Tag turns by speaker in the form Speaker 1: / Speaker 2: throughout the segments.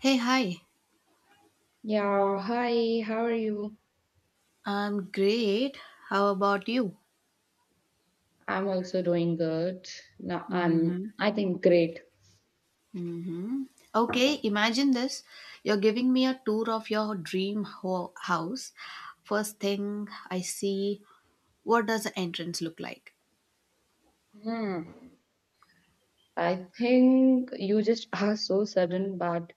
Speaker 1: Hey, hi.
Speaker 2: Yeah, hi, how are you?
Speaker 1: I'm great. How about you?
Speaker 2: I'm also doing good. Now, I'm,
Speaker 1: Mm-hmm.
Speaker 2: I think, great.
Speaker 1: Mm-hmm. Okay, imagine this. You're giving me a tour of your dream house. First thing I see, what does the entrance look like?
Speaker 2: Hmm. I think you just are so sudden, but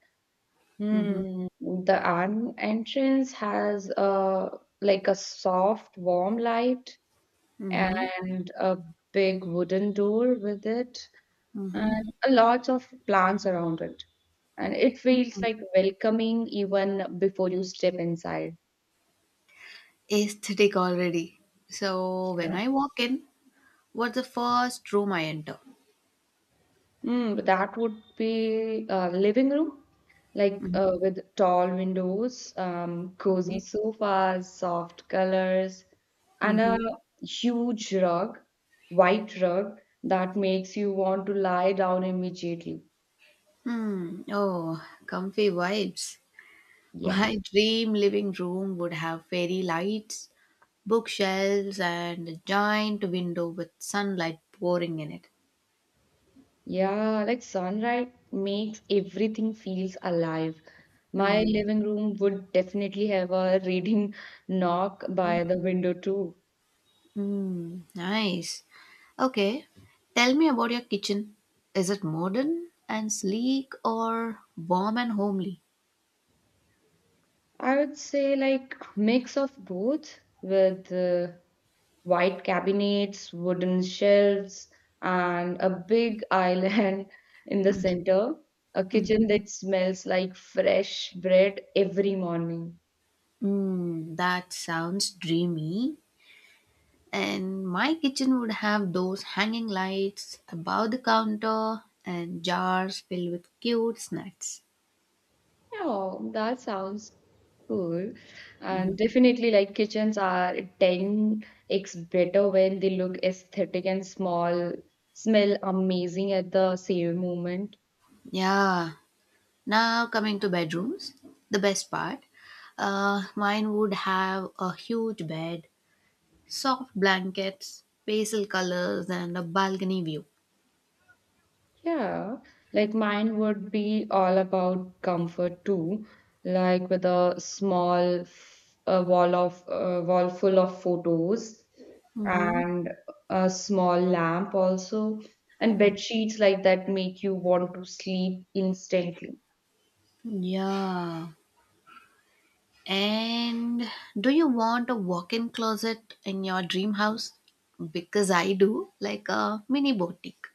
Speaker 1: Mm-hmm.
Speaker 2: the an entrance has a like a soft, warm light
Speaker 1: Mm-hmm.
Speaker 2: and a big wooden door with it,
Speaker 1: Mm-hmm.
Speaker 2: and a lot of plants around it. And it feels like welcoming even before you step inside.
Speaker 1: Aesthetic already. So when I walk in, what's the first room I enter?
Speaker 2: Mm, that would be a living room, like with tall windows, cozy sofas, soft colors, and
Speaker 1: Mm-hmm.
Speaker 2: a huge rug, white rug that makes you want to lie down immediately.
Speaker 1: Mm. Oh, comfy vibes.
Speaker 2: Yeah.
Speaker 1: My dream living room would have fairy lights, bookshelves and a giant window with sunlight pouring in it.
Speaker 2: Yeah, like sunlight makes everything feels alive. My
Speaker 1: Hmm.
Speaker 2: living room would definitely have a reading nook by the window too.
Speaker 1: Hmm. Nice. Okay. Tell me about your kitchen. Is it modern and sleek or warm and homely?
Speaker 2: I would say like mix of both with white cabinets, wooden shelves, and a big island in the center. A
Speaker 1: Hmm.
Speaker 2: kitchen that smells like fresh bread every morning.
Speaker 1: Hmm. That sounds dreamy. And my kitchen would have those hanging lights above the counter and jars filled with cute snacks.
Speaker 2: Oh, that sounds cool.
Speaker 1: Mhm.
Speaker 2: And definitely, like kitchens are 10x better when they look aesthetic and small, smell amazing at the same moment.
Speaker 1: Yeah, now coming to bedrooms, the best part. Mine would have a huge bed, soft blankets, pastel colors, and a balcony view.
Speaker 2: Yeah, like mine would be all about comfort too, like with a small a wall of a wall full of photos
Speaker 1: Mm-hmm.
Speaker 2: and a small lamp also and bed sheets like that make you want to sleep instantly.
Speaker 1: Yeah. And do you want a walk-in closet in your dream house? Because I do, like a mini boutique.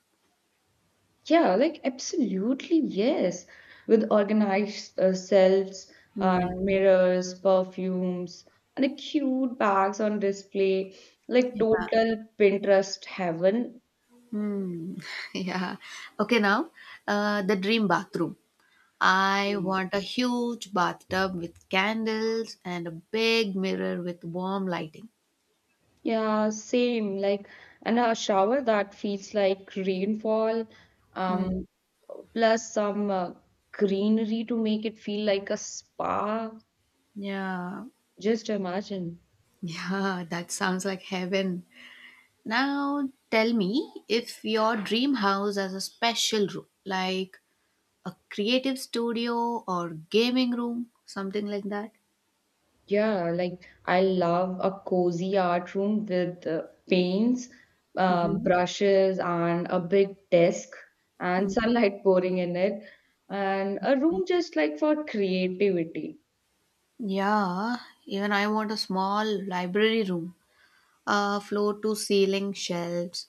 Speaker 2: Yeah, like absolutely, yes. With organized shelves and mirrors, perfumes, and a cute bags on display, like
Speaker 1: Yeah.
Speaker 2: total Pinterest heaven.
Speaker 1: Hmm. Yeah. Okay. Now, the dream bathroom. I
Speaker 2: Mm.
Speaker 1: want a huge bathtub with candles and a big mirror with warm lighting.
Speaker 2: Yeah, same. Like, and a shower that feels like rainfall,
Speaker 1: Mm,
Speaker 2: um, plus some greenery to make it feel like a spa.
Speaker 1: yeah.
Speaker 2: Just imagine.
Speaker 1: Yeah, that sounds like heaven. Now tell me if your dream house has a special room, like a creative studio or gaming room, something like that.
Speaker 2: Yeah, like I love a cozy art room with paints,
Speaker 1: Mm-hmm.
Speaker 2: brushes, and a big desk and
Speaker 1: Mm.
Speaker 2: sunlight pouring in it, and a room just like for creativity.
Speaker 1: Yeah, even I want a small library room, a floor to ceiling shelves,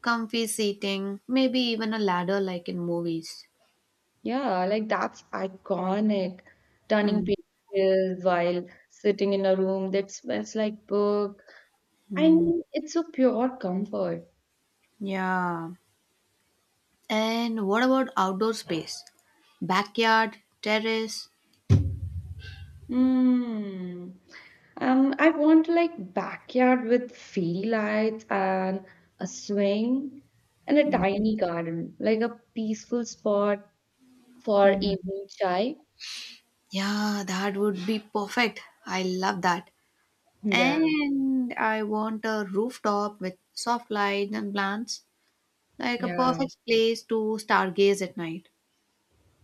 Speaker 1: comfy seating, maybe even a ladder like in movies.
Speaker 2: Yeah, like that's iconic. Turning pages while sitting in a room that smells like book. I
Speaker 1: Mhm.
Speaker 2: mean, it's a pure comfort.
Speaker 1: Yeah. And what about outdoor space? Backyard, terrace?
Speaker 2: Hmm. I want like backyard with fairy lights and a swing and a tiny garden, like a peaceful spot for
Speaker 1: Mhm.
Speaker 2: evening chai.
Speaker 1: Yeah, that would be perfect. I love that.
Speaker 2: Yeah,
Speaker 1: And I want a rooftop with soft lights and plants, like a
Speaker 2: yeah.
Speaker 1: perfect place to stargaze at night.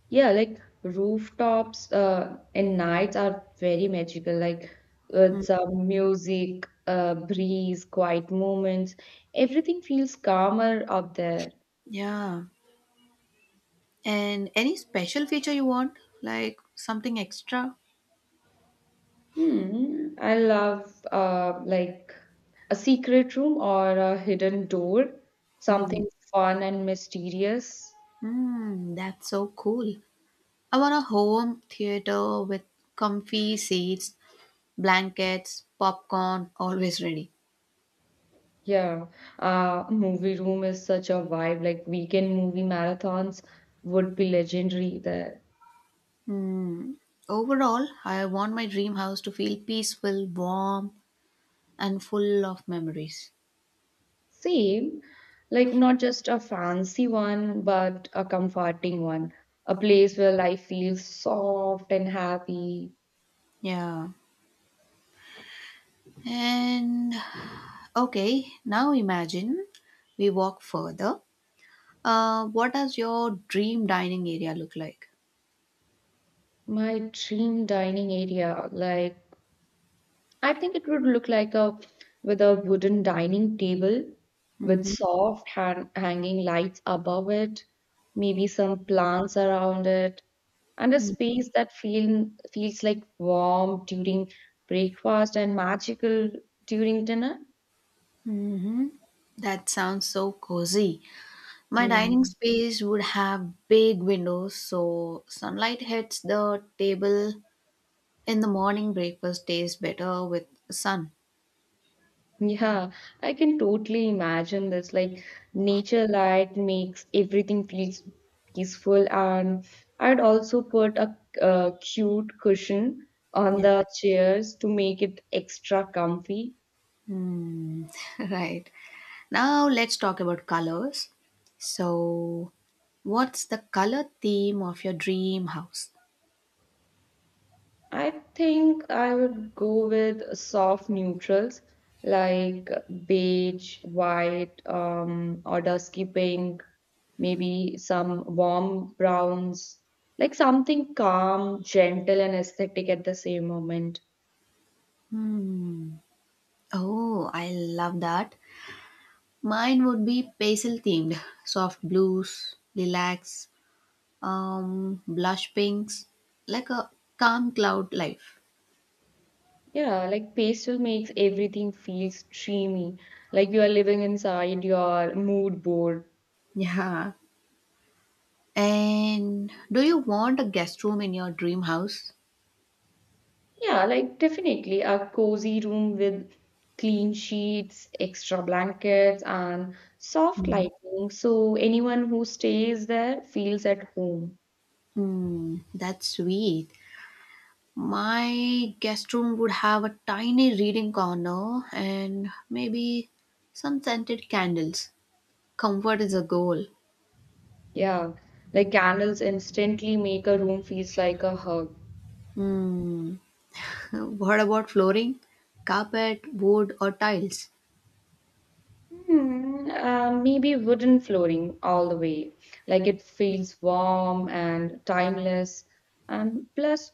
Speaker 2: Yeah, like rooftops and nights are very magical, like with
Speaker 1: Mm.
Speaker 2: some music, breeze, quiet moments. Everything feels calmer up there.
Speaker 1: Yeah. And any special feature you want? Like something extra?
Speaker 2: Hmm, I love like a secret room or a hidden door, something fun and mysterious.
Speaker 1: Hmm, that's so cool. I want a home theater with comfy seats, blankets, popcorn, always ready.
Speaker 2: Yeah, movie room is such a vibe. Like weekend movie marathons would be legendary there.
Speaker 1: Hmm. Overall, I want my dream house to feel peaceful, warm, and full of memories.
Speaker 2: Same, like not just a fancy one, but a comforting one, a place where life feels soft and happy.
Speaker 1: Yeah. And okay, now imagine we walk further. What does your dream dining area look like?
Speaker 2: My dream dining area, like I think it would look like a with a wooden dining table with
Speaker 1: Mm-hmm.
Speaker 2: soft hanging lights above it, maybe some plants around it, and a space that feels like warm during breakfast and magical during dinner.
Speaker 1: Mm-hmm. That sounds so cozy. My dining
Speaker 2: Hmm.
Speaker 1: space would have big windows so sunlight hits the table in the morning. Breakfast tastes better with sun.
Speaker 2: Yeah, I can totally imagine this. Like nature light makes everything feels peaceful, and I'd also put a, cute cushion on
Speaker 1: Yeah.
Speaker 2: the chairs to make it extra comfy.
Speaker 1: Hmm. Right. Now let's talk about colors. So, what's the color theme of your dream house?
Speaker 2: I think I would go with soft neutrals like beige, white, or dusky pink, maybe some warm browns, like something calm, gentle, and aesthetic at the same moment.
Speaker 1: Hmm. Oh, I love that. Mine would be pastel themed, soft blues, lilacs, blush pinks, like a calm cloud life.
Speaker 2: Yeah, like pastel makes everything feels dreamy, like you are living inside your mood board.
Speaker 1: Yeah. And do you want a guest room in your dream house?
Speaker 2: Yeah, like definitely a cozy room with clean sheets, extra blankets, and soft
Speaker 1: Mm.
Speaker 2: lighting so anyone who stays there feels at home.
Speaker 1: Mm, that's sweet. My guest room would have a tiny reading corner and maybe some scented candles. Comfort is a goal.
Speaker 2: Yeah, like candles instantly make a room feels like a hug.
Speaker 1: Hmm. What about flooring? Carpet, wood, or tiles?
Speaker 2: Hmm, maybe wooden flooring all the way. Like it feels warm and timeless. And plus,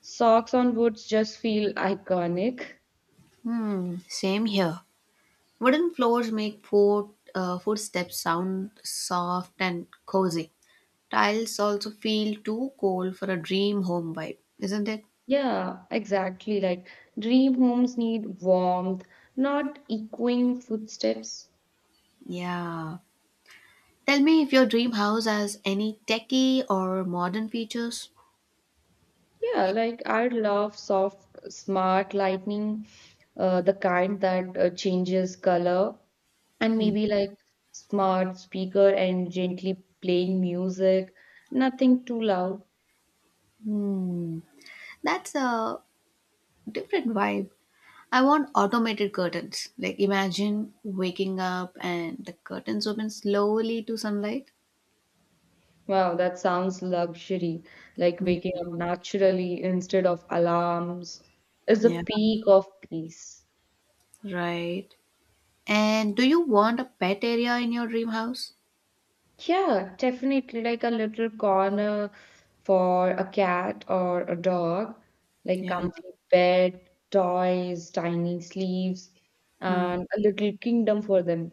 Speaker 2: socks on woods just feel iconic.
Speaker 1: Hmm. Same here. Wooden floors make footsteps sound soft and cozy. Tiles also feel too cold for a dream home vibe, isn't it?
Speaker 2: Yeah, exactly. Like dream homes need warmth, not echoing footsteps.
Speaker 1: Yeah. Tell me if your dream house has any techie or modern features.
Speaker 2: Yeah, like I love soft, smart lighting, the kind that changes color, and maybe like smart speaker and gently playing music, nothing too loud.
Speaker 1: Hmm, that's a different vibe. I want automated curtains. Like imagine waking up and the curtains open slowly to sunlight.
Speaker 2: Wow, that sounds luxury. Like
Speaker 1: Hmm.
Speaker 2: waking up naturally instead of alarms is the
Speaker 1: Yeah,
Speaker 2: peak of peace.
Speaker 1: right. And do you want a pet area in your dream house?
Speaker 2: Yeah, definitely like a little corner for a cat or a dog, like
Speaker 1: Yeah.
Speaker 2: comfy bed, toys, tiny sleeves,
Speaker 1: Mm.
Speaker 2: and a little kingdom for them.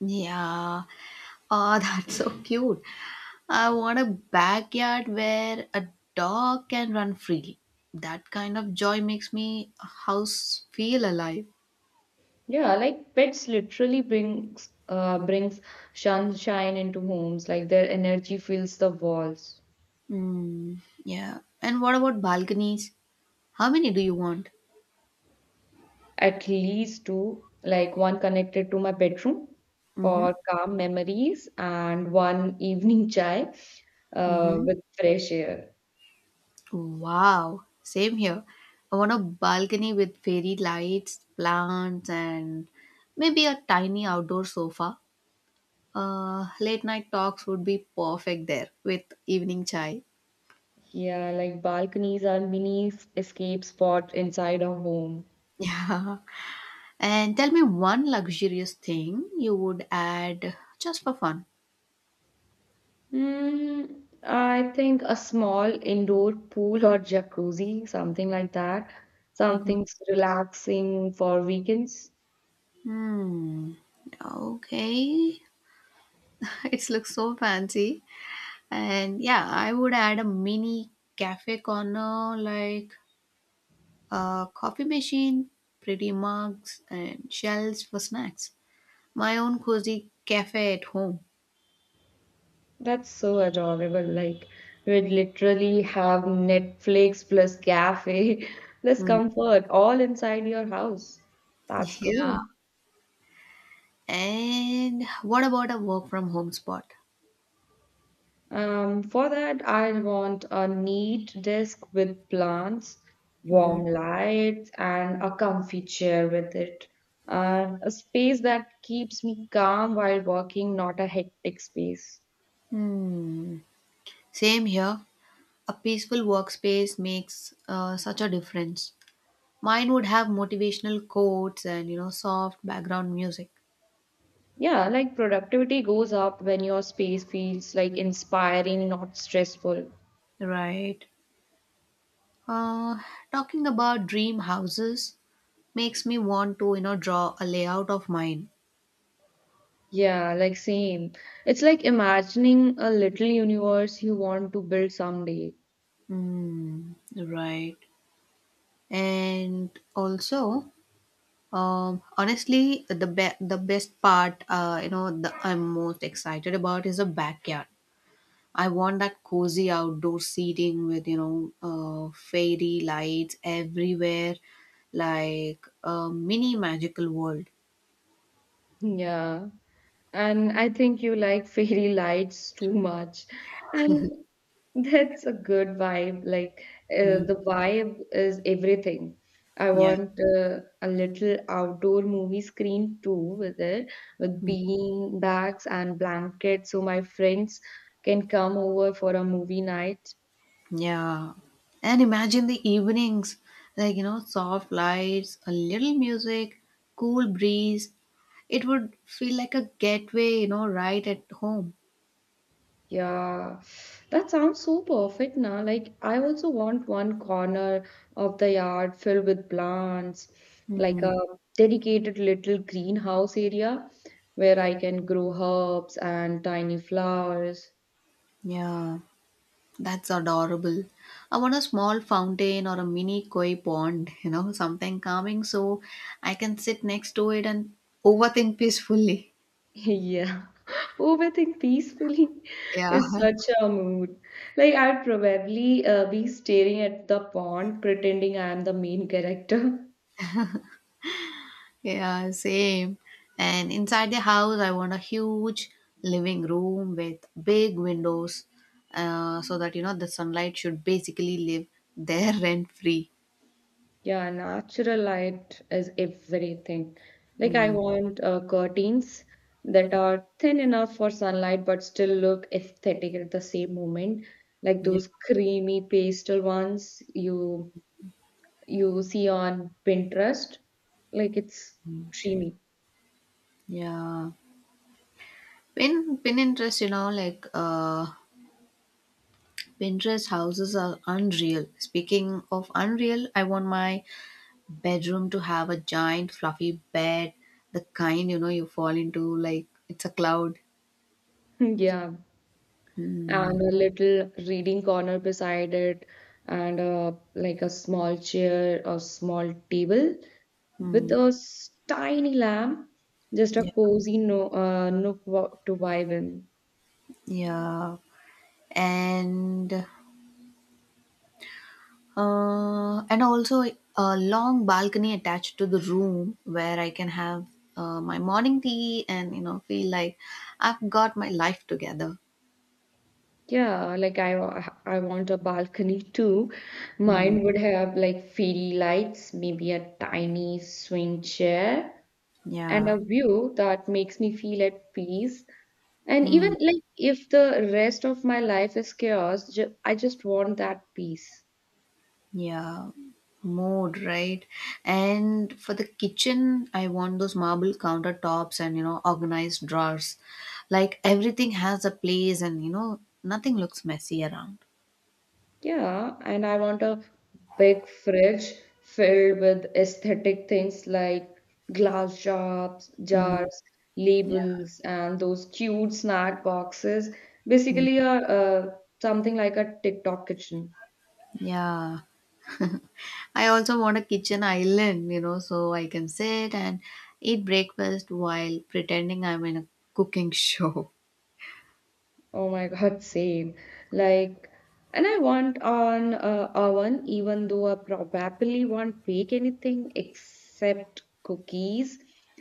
Speaker 1: Yeah. Oh, that's so cute. I want a backyard where a dog can run freely. That kind of joy makes me house feel alive.
Speaker 2: Yeah, like pets literally brings sunshine into homes, like their energy fills the walls.
Speaker 1: Mm. Yeah. And what about balconies? How many do you want?
Speaker 2: At least two, like one connected to my bedroom
Speaker 1: Mm-hmm.
Speaker 2: for calm memories and one evening chai
Speaker 1: Mm-hmm.
Speaker 2: with fresh air.
Speaker 1: Wow, same here. I want a balcony with fairy lights, plants, and maybe a tiny outdoor sofa. Late night talks would be perfect there with evening chai.
Speaker 2: Yeah, like balconies are mini escape spot inside a home.
Speaker 1: Yeah. And tell me one luxurious thing you would add just for fun.
Speaker 2: Mm, I think a small indoor pool or jacuzzi, something like that. Something's relaxing for weekends.
Speaker 1: Hmm. Okay. It looks so fancy. And yeah, I would add a mini cafe corner like a coffee machine, pretty mugs, and shelves for snacks. My own cozy cafe at home.
Speaker 2: That's so adorable. Like we'd literally have Netflix plus cafe plus
Speaker 1: Hmm.
Speaker 2: comfort all inside your house. That's
Speaker 1: Yeah.
Speaker 2: cool.
Speaker 1: And what about a work from home spot?
Speaker 2: For that, I want a neat desk with plants, warm lights, and a comfy chair with it. And a space that keeps me calm while working, not a hectic space.
Speaker 1: Hmm. Same here. A peaceful workspace makes such a difference. Mine would have motivational quotes and soft background music.
Speaker 2: Yeah, like productivity goes up when your space feels like inspiring, not stressful.
Speaker 1: Right. Uh, Talking about dream houses makes me want to draw a layout of mine.
Speaker 2: Yeah, like same. It's like imagining a little universe you want to build someday.
Speaker 1: Hmm. Right. And also, honestly, the best part, you know, the I'm most excited about is the backyard. I want that cozy outdoor seating with fairy lights everywhere, like a mini magical world.
Speaker 2: Yeah. And I think you like fairy lights too much. And that's a good vibe. Like
Speaker 1: Mm,
Speaker 2: the vibe is everything. I
Speaker 1: yeah,
Speaker 2: want a little outdoor movie screen too with it, with bean bags and blankets so my friends can come over for a movie night.
Speaker 1: yeah. And imagine the evenings, like soft lights, a little music, cool breeze. It would feel like a gateway, right at home.
Speaker 2: Yeah, that sounds so perfect now. Like, I also want one corner of the yard filled with plants, like
Speaker 1: Mm,
Speaker 2: a dedicated little greenhouse area where I can grow herbs and tiny flowers.
Speaker 1: yeah. That's adorable. I want a small fountain or a mini koi pond, something calming so I can sit next to it and overthink peacefully.
Speaker 2: Yeah, overthink peacefully
Speaker 1: Yeah,
Speaker 2: is such a mood. Like, I'd probably be staring at the pond, pretending I am the main character.
Speaker 1: yeah, same. And inside the house, I want a huge living room with big windows so that, the sunlight should basically live there rent free.
Speaker 2: Yeah, natural light is everything. Like I
Speaker 1: Mm.
Speaker 2: want curtains that are thin enough for sunlight but still look aesthetic at the same moment. Like
Speaker 1: Yeah.
Speaker 2: those creamy pastel ones you see on Pinterest. Like it's dreamy.
Speaker 1: Yeah. Pinterest, like Pinterest houses are unreal. Speaking of unreal, I want my bedroom to have a giant fluffy bed, the kind you know you fall into like it's a cloud.
Speaker 2: Yeah. And a little reading corner beside it, and like a small chair or small table with
Speaker 1: Hmm.
Speaker 2: a tiny lamp, just a
Speaker 1: Yeah,
Speaker 2: cozy no, nook to vibe in.
Speaker 1: yeah, and and also a long balcony attached to the room where I can have my morning tea and feel like I've got my life together.
Speaker 2: Yeah, like I want a balcony too.
Speaker 1: Hmm.
Speaker 2: Mine would have like fairy lights, maybe a tiny swing chair, and
Speaker 1: Yeah.
Speaker 2: a view that makes me feel at peace. And even
Speaker 1: Hmm.
Speaker 2: like if the rest of my life is chaos, I just want that peace.
Speaker 1: Yeah, mood, right? And for the kitchen, I want those marble countertops and, organized drawers. Like everything has a place and, nothing looks messy around.
Speaker 2: Yeah, and I want a big fridge filled with aesthetic things like glass jars,
Speaker 1: Mm.
Speaker 2: jars,
Speaker 1: Yeah.
Speaker 2: labels, and those cute snack boxes.
Speaker 1: Mm.
Speaker 2: Basically, a something like a TikTok kitchen.
Speaker 1: Yeah. I also want a kitchen island, so I can sit and eat breakfast while pretending I'm in a cooking show.
Speaker 2: Oh my God, same. Like, and I want on oven, even though I probably won't bake anything except cookies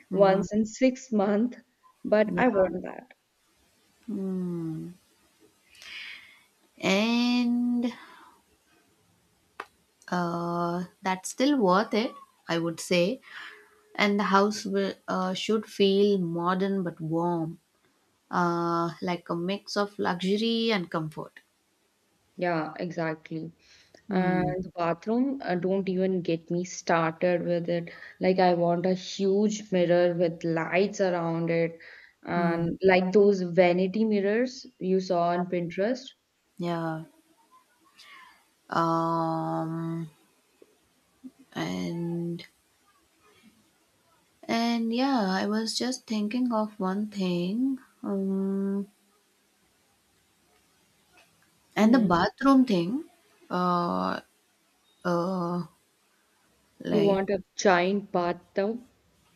Speaker 1: Hmm.
Speaker 2: once in 6 months, but I
Speaker 1: Yeah.
Speaker 2: want that.
Speaker 1: Mm. And that's still worth it, I would say. And the house should feel modern but warm, like a mix of luxury and comfort.
Speaker 2: Yeah, exactly.
Speaker 1: Hmm.
Speaker 2: And the bathroom, don't even get me started with it. Like, I want a huge mirror with lights around it,
Speaker 1: Hmm.
Speaker 2: and like those vanity mirrors you saw on Pinterest.
Speaker 1: Yeah. Um. And and yeah, I was just thinking of one thing. And the
Speaker 2: Hmm.
Speaker 1: bathroom thing. Uh. Uh.
Speaker 2: You
Speaker 1: Like.
Speaker 2: want a giant bathtub?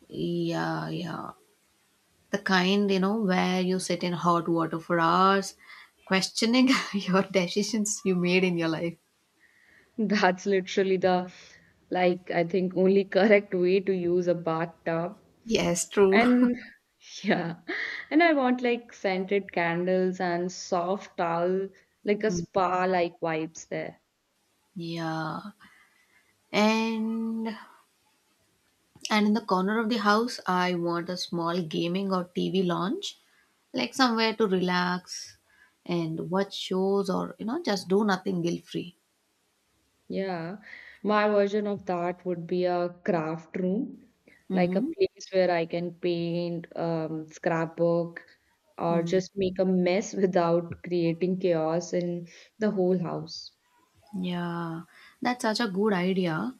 Speaker 1: Yeah. Yeah. The kind you know where you sit in hot water for hours, questioning your decisions you made in your life.
Speaker 2: That's literally the, like, I think only correct way to use a bathtub.
Speaker 1: Yes, true.
Speaker 2: And yeah, and I want like scented candles and soft towel, like a
Speaker 1: Mm.
Speaker 2: spa-like vibes there.
Speaker 1: Yeah. And and in the corner of the house, I want a small gaming or TV lounge, like somewhere to relax and watch shows or, just do nothing guilt-free.
Speaker 2: Yeah, my version of that would be a craft room, like a
Speaker 1: Mm-hmm.
Speaker 2: place where I can paint, scrapbook, or
Speaker 1: Mm,
Speaker 2: just make a mess without creating chaos in the whole house.
Speaker 1: yeah. That's such a good idea.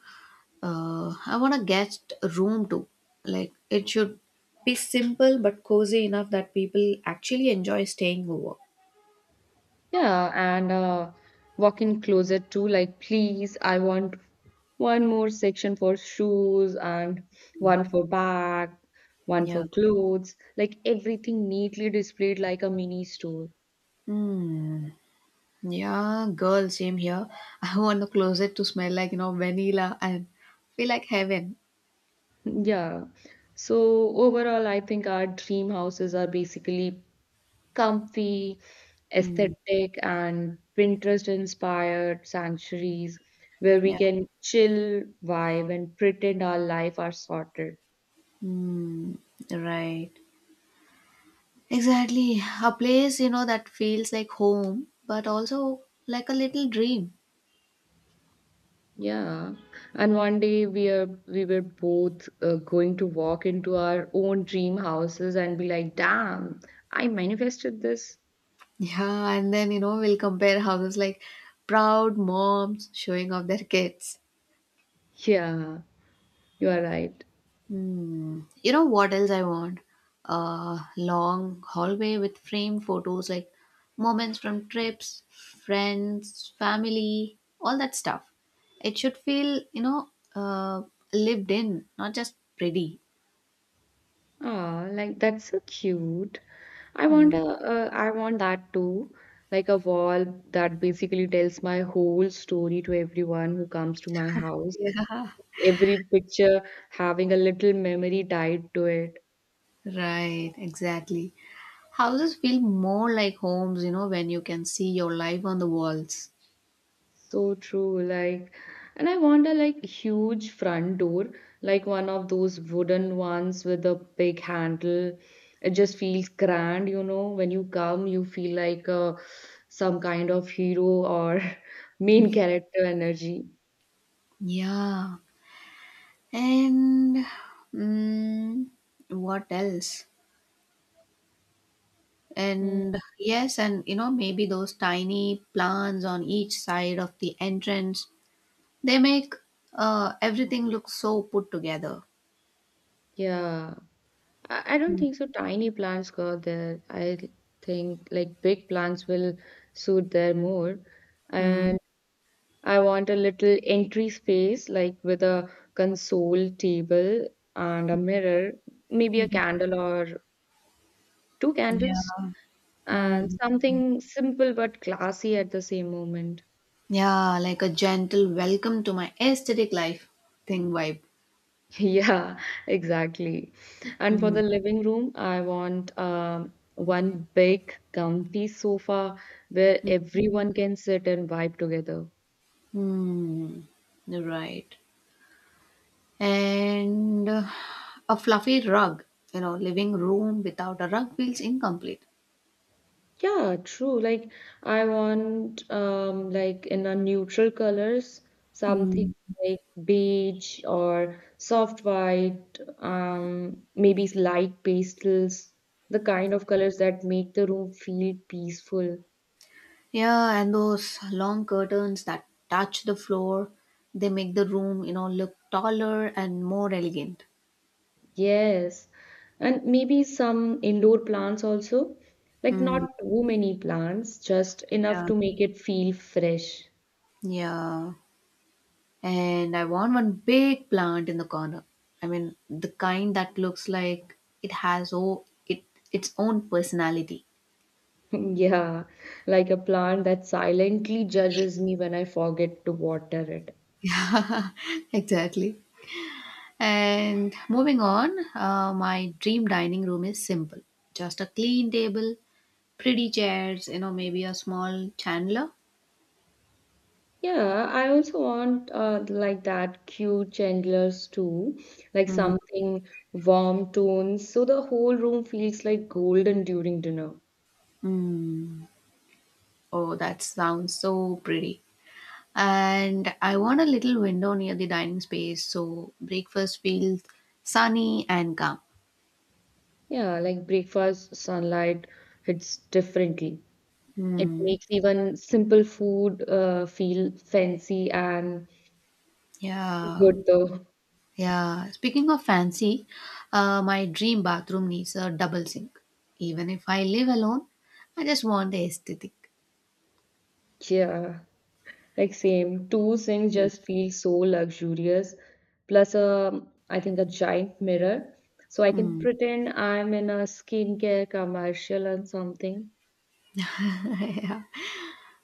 Speaker 1: I want a guest room too. Like it should be simple but cozy enough that people actually enjoy staying over.
Speaker 2: Yeah, and walk in closet too. Like, please, I want one more section for shoes and one for bag, one for
Speaker 1: Yeah.
Speaker 2: clothes. Like everything neatly displayed like a mini store.
Speaker 1: Hmm. Yeah, girl, same here. I want the closet to smell like, vanilla and feel like heaven.
Speaker 2: Yeah. So overall, I think our dream houses are basically comfy,
Speaker 1: Mm,
Speaker 2: aesthetic, and Pinterest-inspired sanctuaries where we
Speaker 1: yeah.
Speaker 2: can chill, vibe, and pretend our life are sorted.
Speaker 1: Mm, right. Exactly. A place, that feels like home, but also like a little dream.
Speaker 2: Yeah, and one day we were both going to walk into our own dream houses and be like, "Damn, I manifested this."
Speaker 1: Yeah, and then, we'll compare houses like proud moms showing off their kids.
Speaker 2: Yeah, you are right.
Speaker 1: Hmm. You know what else I want? A long hallway with framed photos, like moments from trips, friends, family, all that stuff. It should feel, lived in, not just pretty.
Speaker 2: Ah, like that's so cute.
Speaker 1: Hmm.
Speaker 2: I want that too. Like a wall that basically tells my whole story to everyone who comes to my house.
Speaker 1: Yeah,
Speaker 2: Every picture having a little memory tied to it.
Speaker 1: right, exactly. Houses feel more like homes, when you can see your life on the walls.
Speaker 2: So true, like, and I want a like huge front door, like one of those wooden ones with a big handle. It just feels grand, you know. When you come, you feel like some kind of hero or main character energy.
Speaker 1: Yeah. And mm, what else?
Speaker 2: Mm.
Speaker 1: And yes, and maybe those tiny plants on each side of the entrance, they make everything look so put together.
Speaker 2: Yeah, I don't
Speaker 1: Mm.
Speaker 2: think so. Tiny plants go there. I think like big plants will suit there more.
Speaker 1: Mm.
Speaker 2: And I want a little entry space, like with a console table and a mirror, maybe a
Speaker 1: Mhm.
Speaker 2: candle or two
Speaker 1: Yeah.
Speaker 2: candles, and
Speaker 1: Mm.
Speaker 2: something simple but classy at the same moment.
Speaker 1: Yeah, like a gentle welcome to my aesthetic life thing vibe.
Speaker 2: Yeah, exactly. And for
Speaker 1: Mm.
Speaker 2: the living room, I want one big, comfy sofa where everyone can sit and vibe together.
Speaker 1: Hmm. Right. And a fluffy rug. Living room without a rug feels incomplete.
Speaker 2: Yeah, true. Like I want like in a neutral colors, something like beige or soft white, maybe light pastels, the kind of colors that make the room feel peaceful.
Speaker 1: Yeah, and those long curtains that touch the floor, they make the room, look taller and more elegant.
Speaker 2: Yes. And maybe some indoor plants also. Like
Speaker 1: Mm,
Speaker 2: not too many plants, just enough
Speaker 1: yeah.
Speaker 2: to make it feel fresh.
Speaker 1: Yeah. And I want one big plant in the corner. I mean, the kind that looks like it has oh, it its own personality.
Speaker 2: Yeah, like a plant that silently judges me when I forget to water it.
Speaker 1: Exactly. And moving on, my dream dining room is simple. Just a clean table, pretty chairs, maybe a small chandelier.
Speaker 2: Yeah, I also want like that cute chandeliers too, like
Speaker 1: Mm.
Speaker 2: something warm tones, so the whole room feels like golden during dinner.
Speaker 1: Mm. Oh, that sounds so pretty. And I want a little window near the dining space so breakfast feels sunny and calm.
Speaker 2: Yeah, like breakfast sunlight hits differently. It
Speaker 1: Hmm.
Speaker 2: makes even simple food feel fancy and
Speaker 1: Yeah.
Speaker 2: good though.
Speaker 1: Yeah. Speaking of fancy, my dream bathroom needs a double sink. Even if I live alone, I just want the aesthetic.
Speaker 2: Yeah. Like same, two sinks just feel so luxurious. Plus a, I think a giant mirror, so I can
Speaker 1: Hmm.
Speaker 2: pretend I'm in a skincare commercial or something.
Speaker 1: Yeah.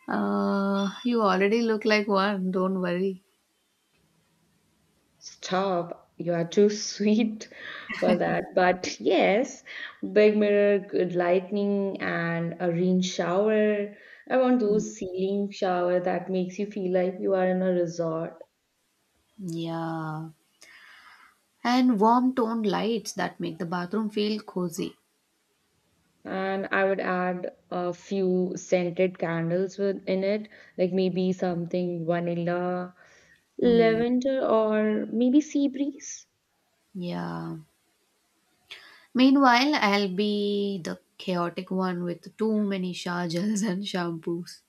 Speaker 1: You already look like one, don't worry.
Speaker 2: Stop, you are too sweet for that. But yes, big mirror, good lightning, and a rain shower. I want those ceiling shower that makes you feel like you are in a resort.
Speaker 1: Yeah. And warm toned lights that make the bathroom feel cozy.
Speaker 2: And I would add a few scented candles with in it, like maybe something vanilla,
Speaker 1: Hmm.
Speaker 2: lavender, or maybe sea breeze.
Speaker 1: Yeah. Meanwhile, I'll be the chaotic one with too many shower gels and shampoos.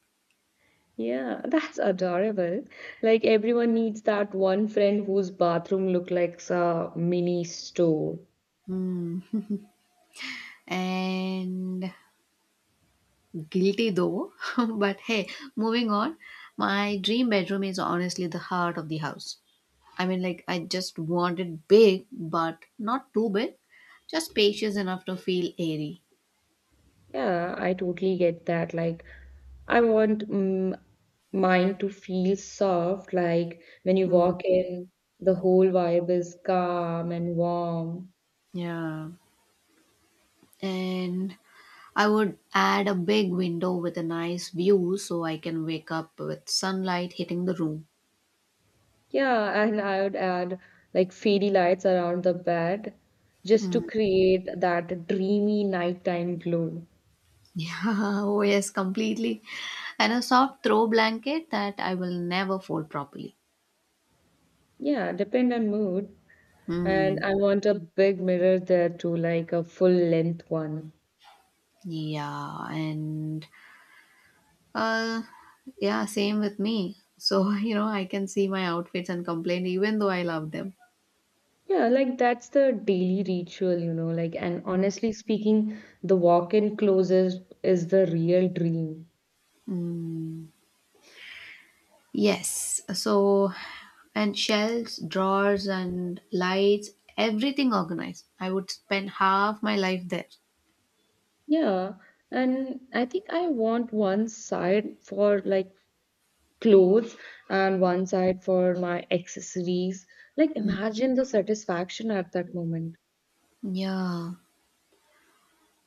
Speaker 2: Yeah, that's adorable. Like everyone needs that one friend whose bathroom look like a mini store.
Speaker 1: Hmm. And guilty though. But hey, moving on. My dream bedroom is honestly the heart of the house. I mean, like, I just want it big, but not too big. Just spacious enough to feel airy.
Speaker 2: Yeah, I totally get that. Like I want mine to feel soft, like when you
Speaker 1: Hmm.
Speaker 2: walk in, the whole vibe is calm and warm.
Speaker 1: Yeah. And I would add a big window with a nice view so I can wake up with sunlight hitting the room.
Speaker 2: Yeah, and I would add like fairy lights around the bed just to
Speaker 1: Mm.
Speaker 2: create that dreamy nighttime glow.
Speaker 1: Yeah, oh yes, completely. And a soft throw blanket that I will never fold properly.
Speaker 2: Yeah, depend on mood. And
Speaker 1: Mm,
Speaker 2: I want a big mirror there too, like a full length one.
Speaker 1: yeah, and uh, yeah, same with me. So, I can see my outfits and complain even though I love them.
Speaker 2: Yeah, like that's the daily ritual, you know, like and honestly speaking, the walk-in closet is the real dream.
Speaker 1: Mm. Yes, so, and shelves, drawers, and lights, everything organized. I would spend half my life there.
Speaker 2: Yeah, and I think I want one side for like clothes and one side for my accessories. Like, imagine the satisfaction at that moment.
Speaker 1: Yeah.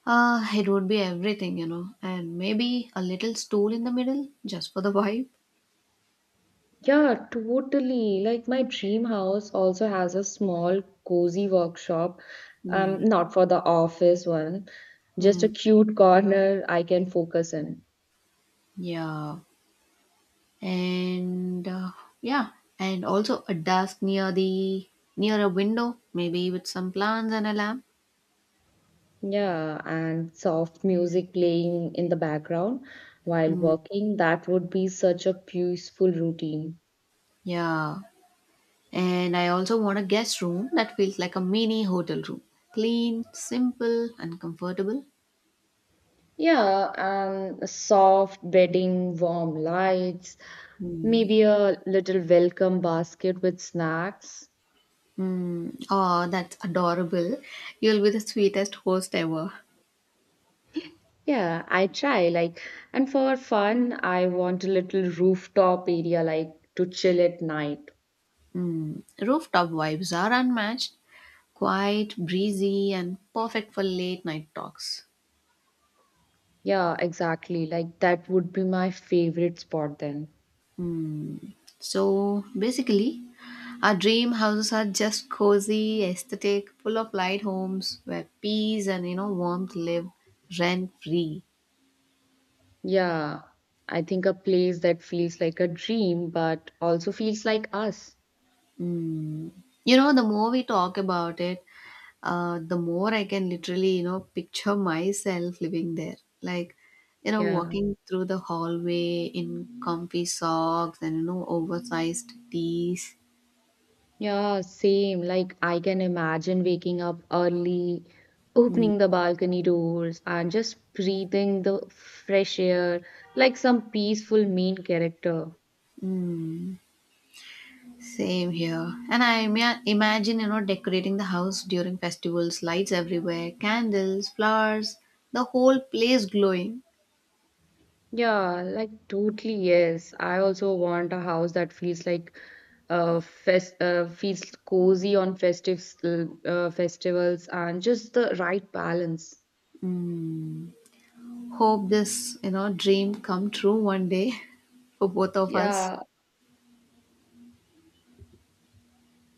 Speaker 1: It would be everything, and maybe a little stool in the middle just for the vibe.
Speaker 2: Yeah, totally. Like, my dream house also has a small, cozy workshop,
Speaker 1: Mm,
Speaker 2: not for the office one, just
Speaker 1: mm,
Speaker 2: a cute corner I can focus in.
Speaker 1: yeah, and yeah, and also a desk near the near a window, maybe with some plants and a lamp.
Speaker 2: Yeah, and soft music playing in the background while
Speaker 1: Mm,
Speaker 2: working. That would be such a peaceful routine.
Speaker 1: yeah, and I also want a guest room that feels like a mini hotel room, clean, simple, and comfortable.
Speaker 2: Yeah, and soft bedding, warm lights,
Speaker 1: Mm.
Speaker 2: maybe a little welcome basket with snacks.
Speaker 1: Mm. Oh, that's adorable. You'll be the sweetest host ever.
Speaker 2: Yeah, I try like and for fun, I want a little rooftop area like to chill at night.
Speaker 1: Mm. Rooftop vibes are unmatched, quiet, breezy, and perfect for late night talks.
Speaker 2: Yeah, exactly. Like that would be my favorite spot then.
Speaker 1: Mm. So basically, our dream houses are just cozy, aesthetic, full of light homes where peace and warmth live rent free.
Speaker 2: Yeah, I think a place that feels like a dream but also feels like us.
Speaker 1: Mm. The more we talk about it, the more I can literally, picture myself living there. Like,
Speaker 2: Yeah.
Speaker 1: walking through the hallway in comfy socks and, oversized tees.
Speaker 2: Yeah, same. Like, I can imagine waking up early,
Speaker 1: Mm.
Speaker 2: opening the balcony doors, and just breathing the fresh air like some peaceful main character.
Speaker 1: Mm. Same here. And I imagine, decorating the house during festivals, lights everywhere, candles, flowers, the whole place glowing.
Speaker 2: Yeah, like, totally, yes. I also want a house that feels like fest feels cozy on festives festivals and just the right balance.
Speaker 1: Hmm. Hope this, dream come true one day for both of us.
Speaker 2: Yeah,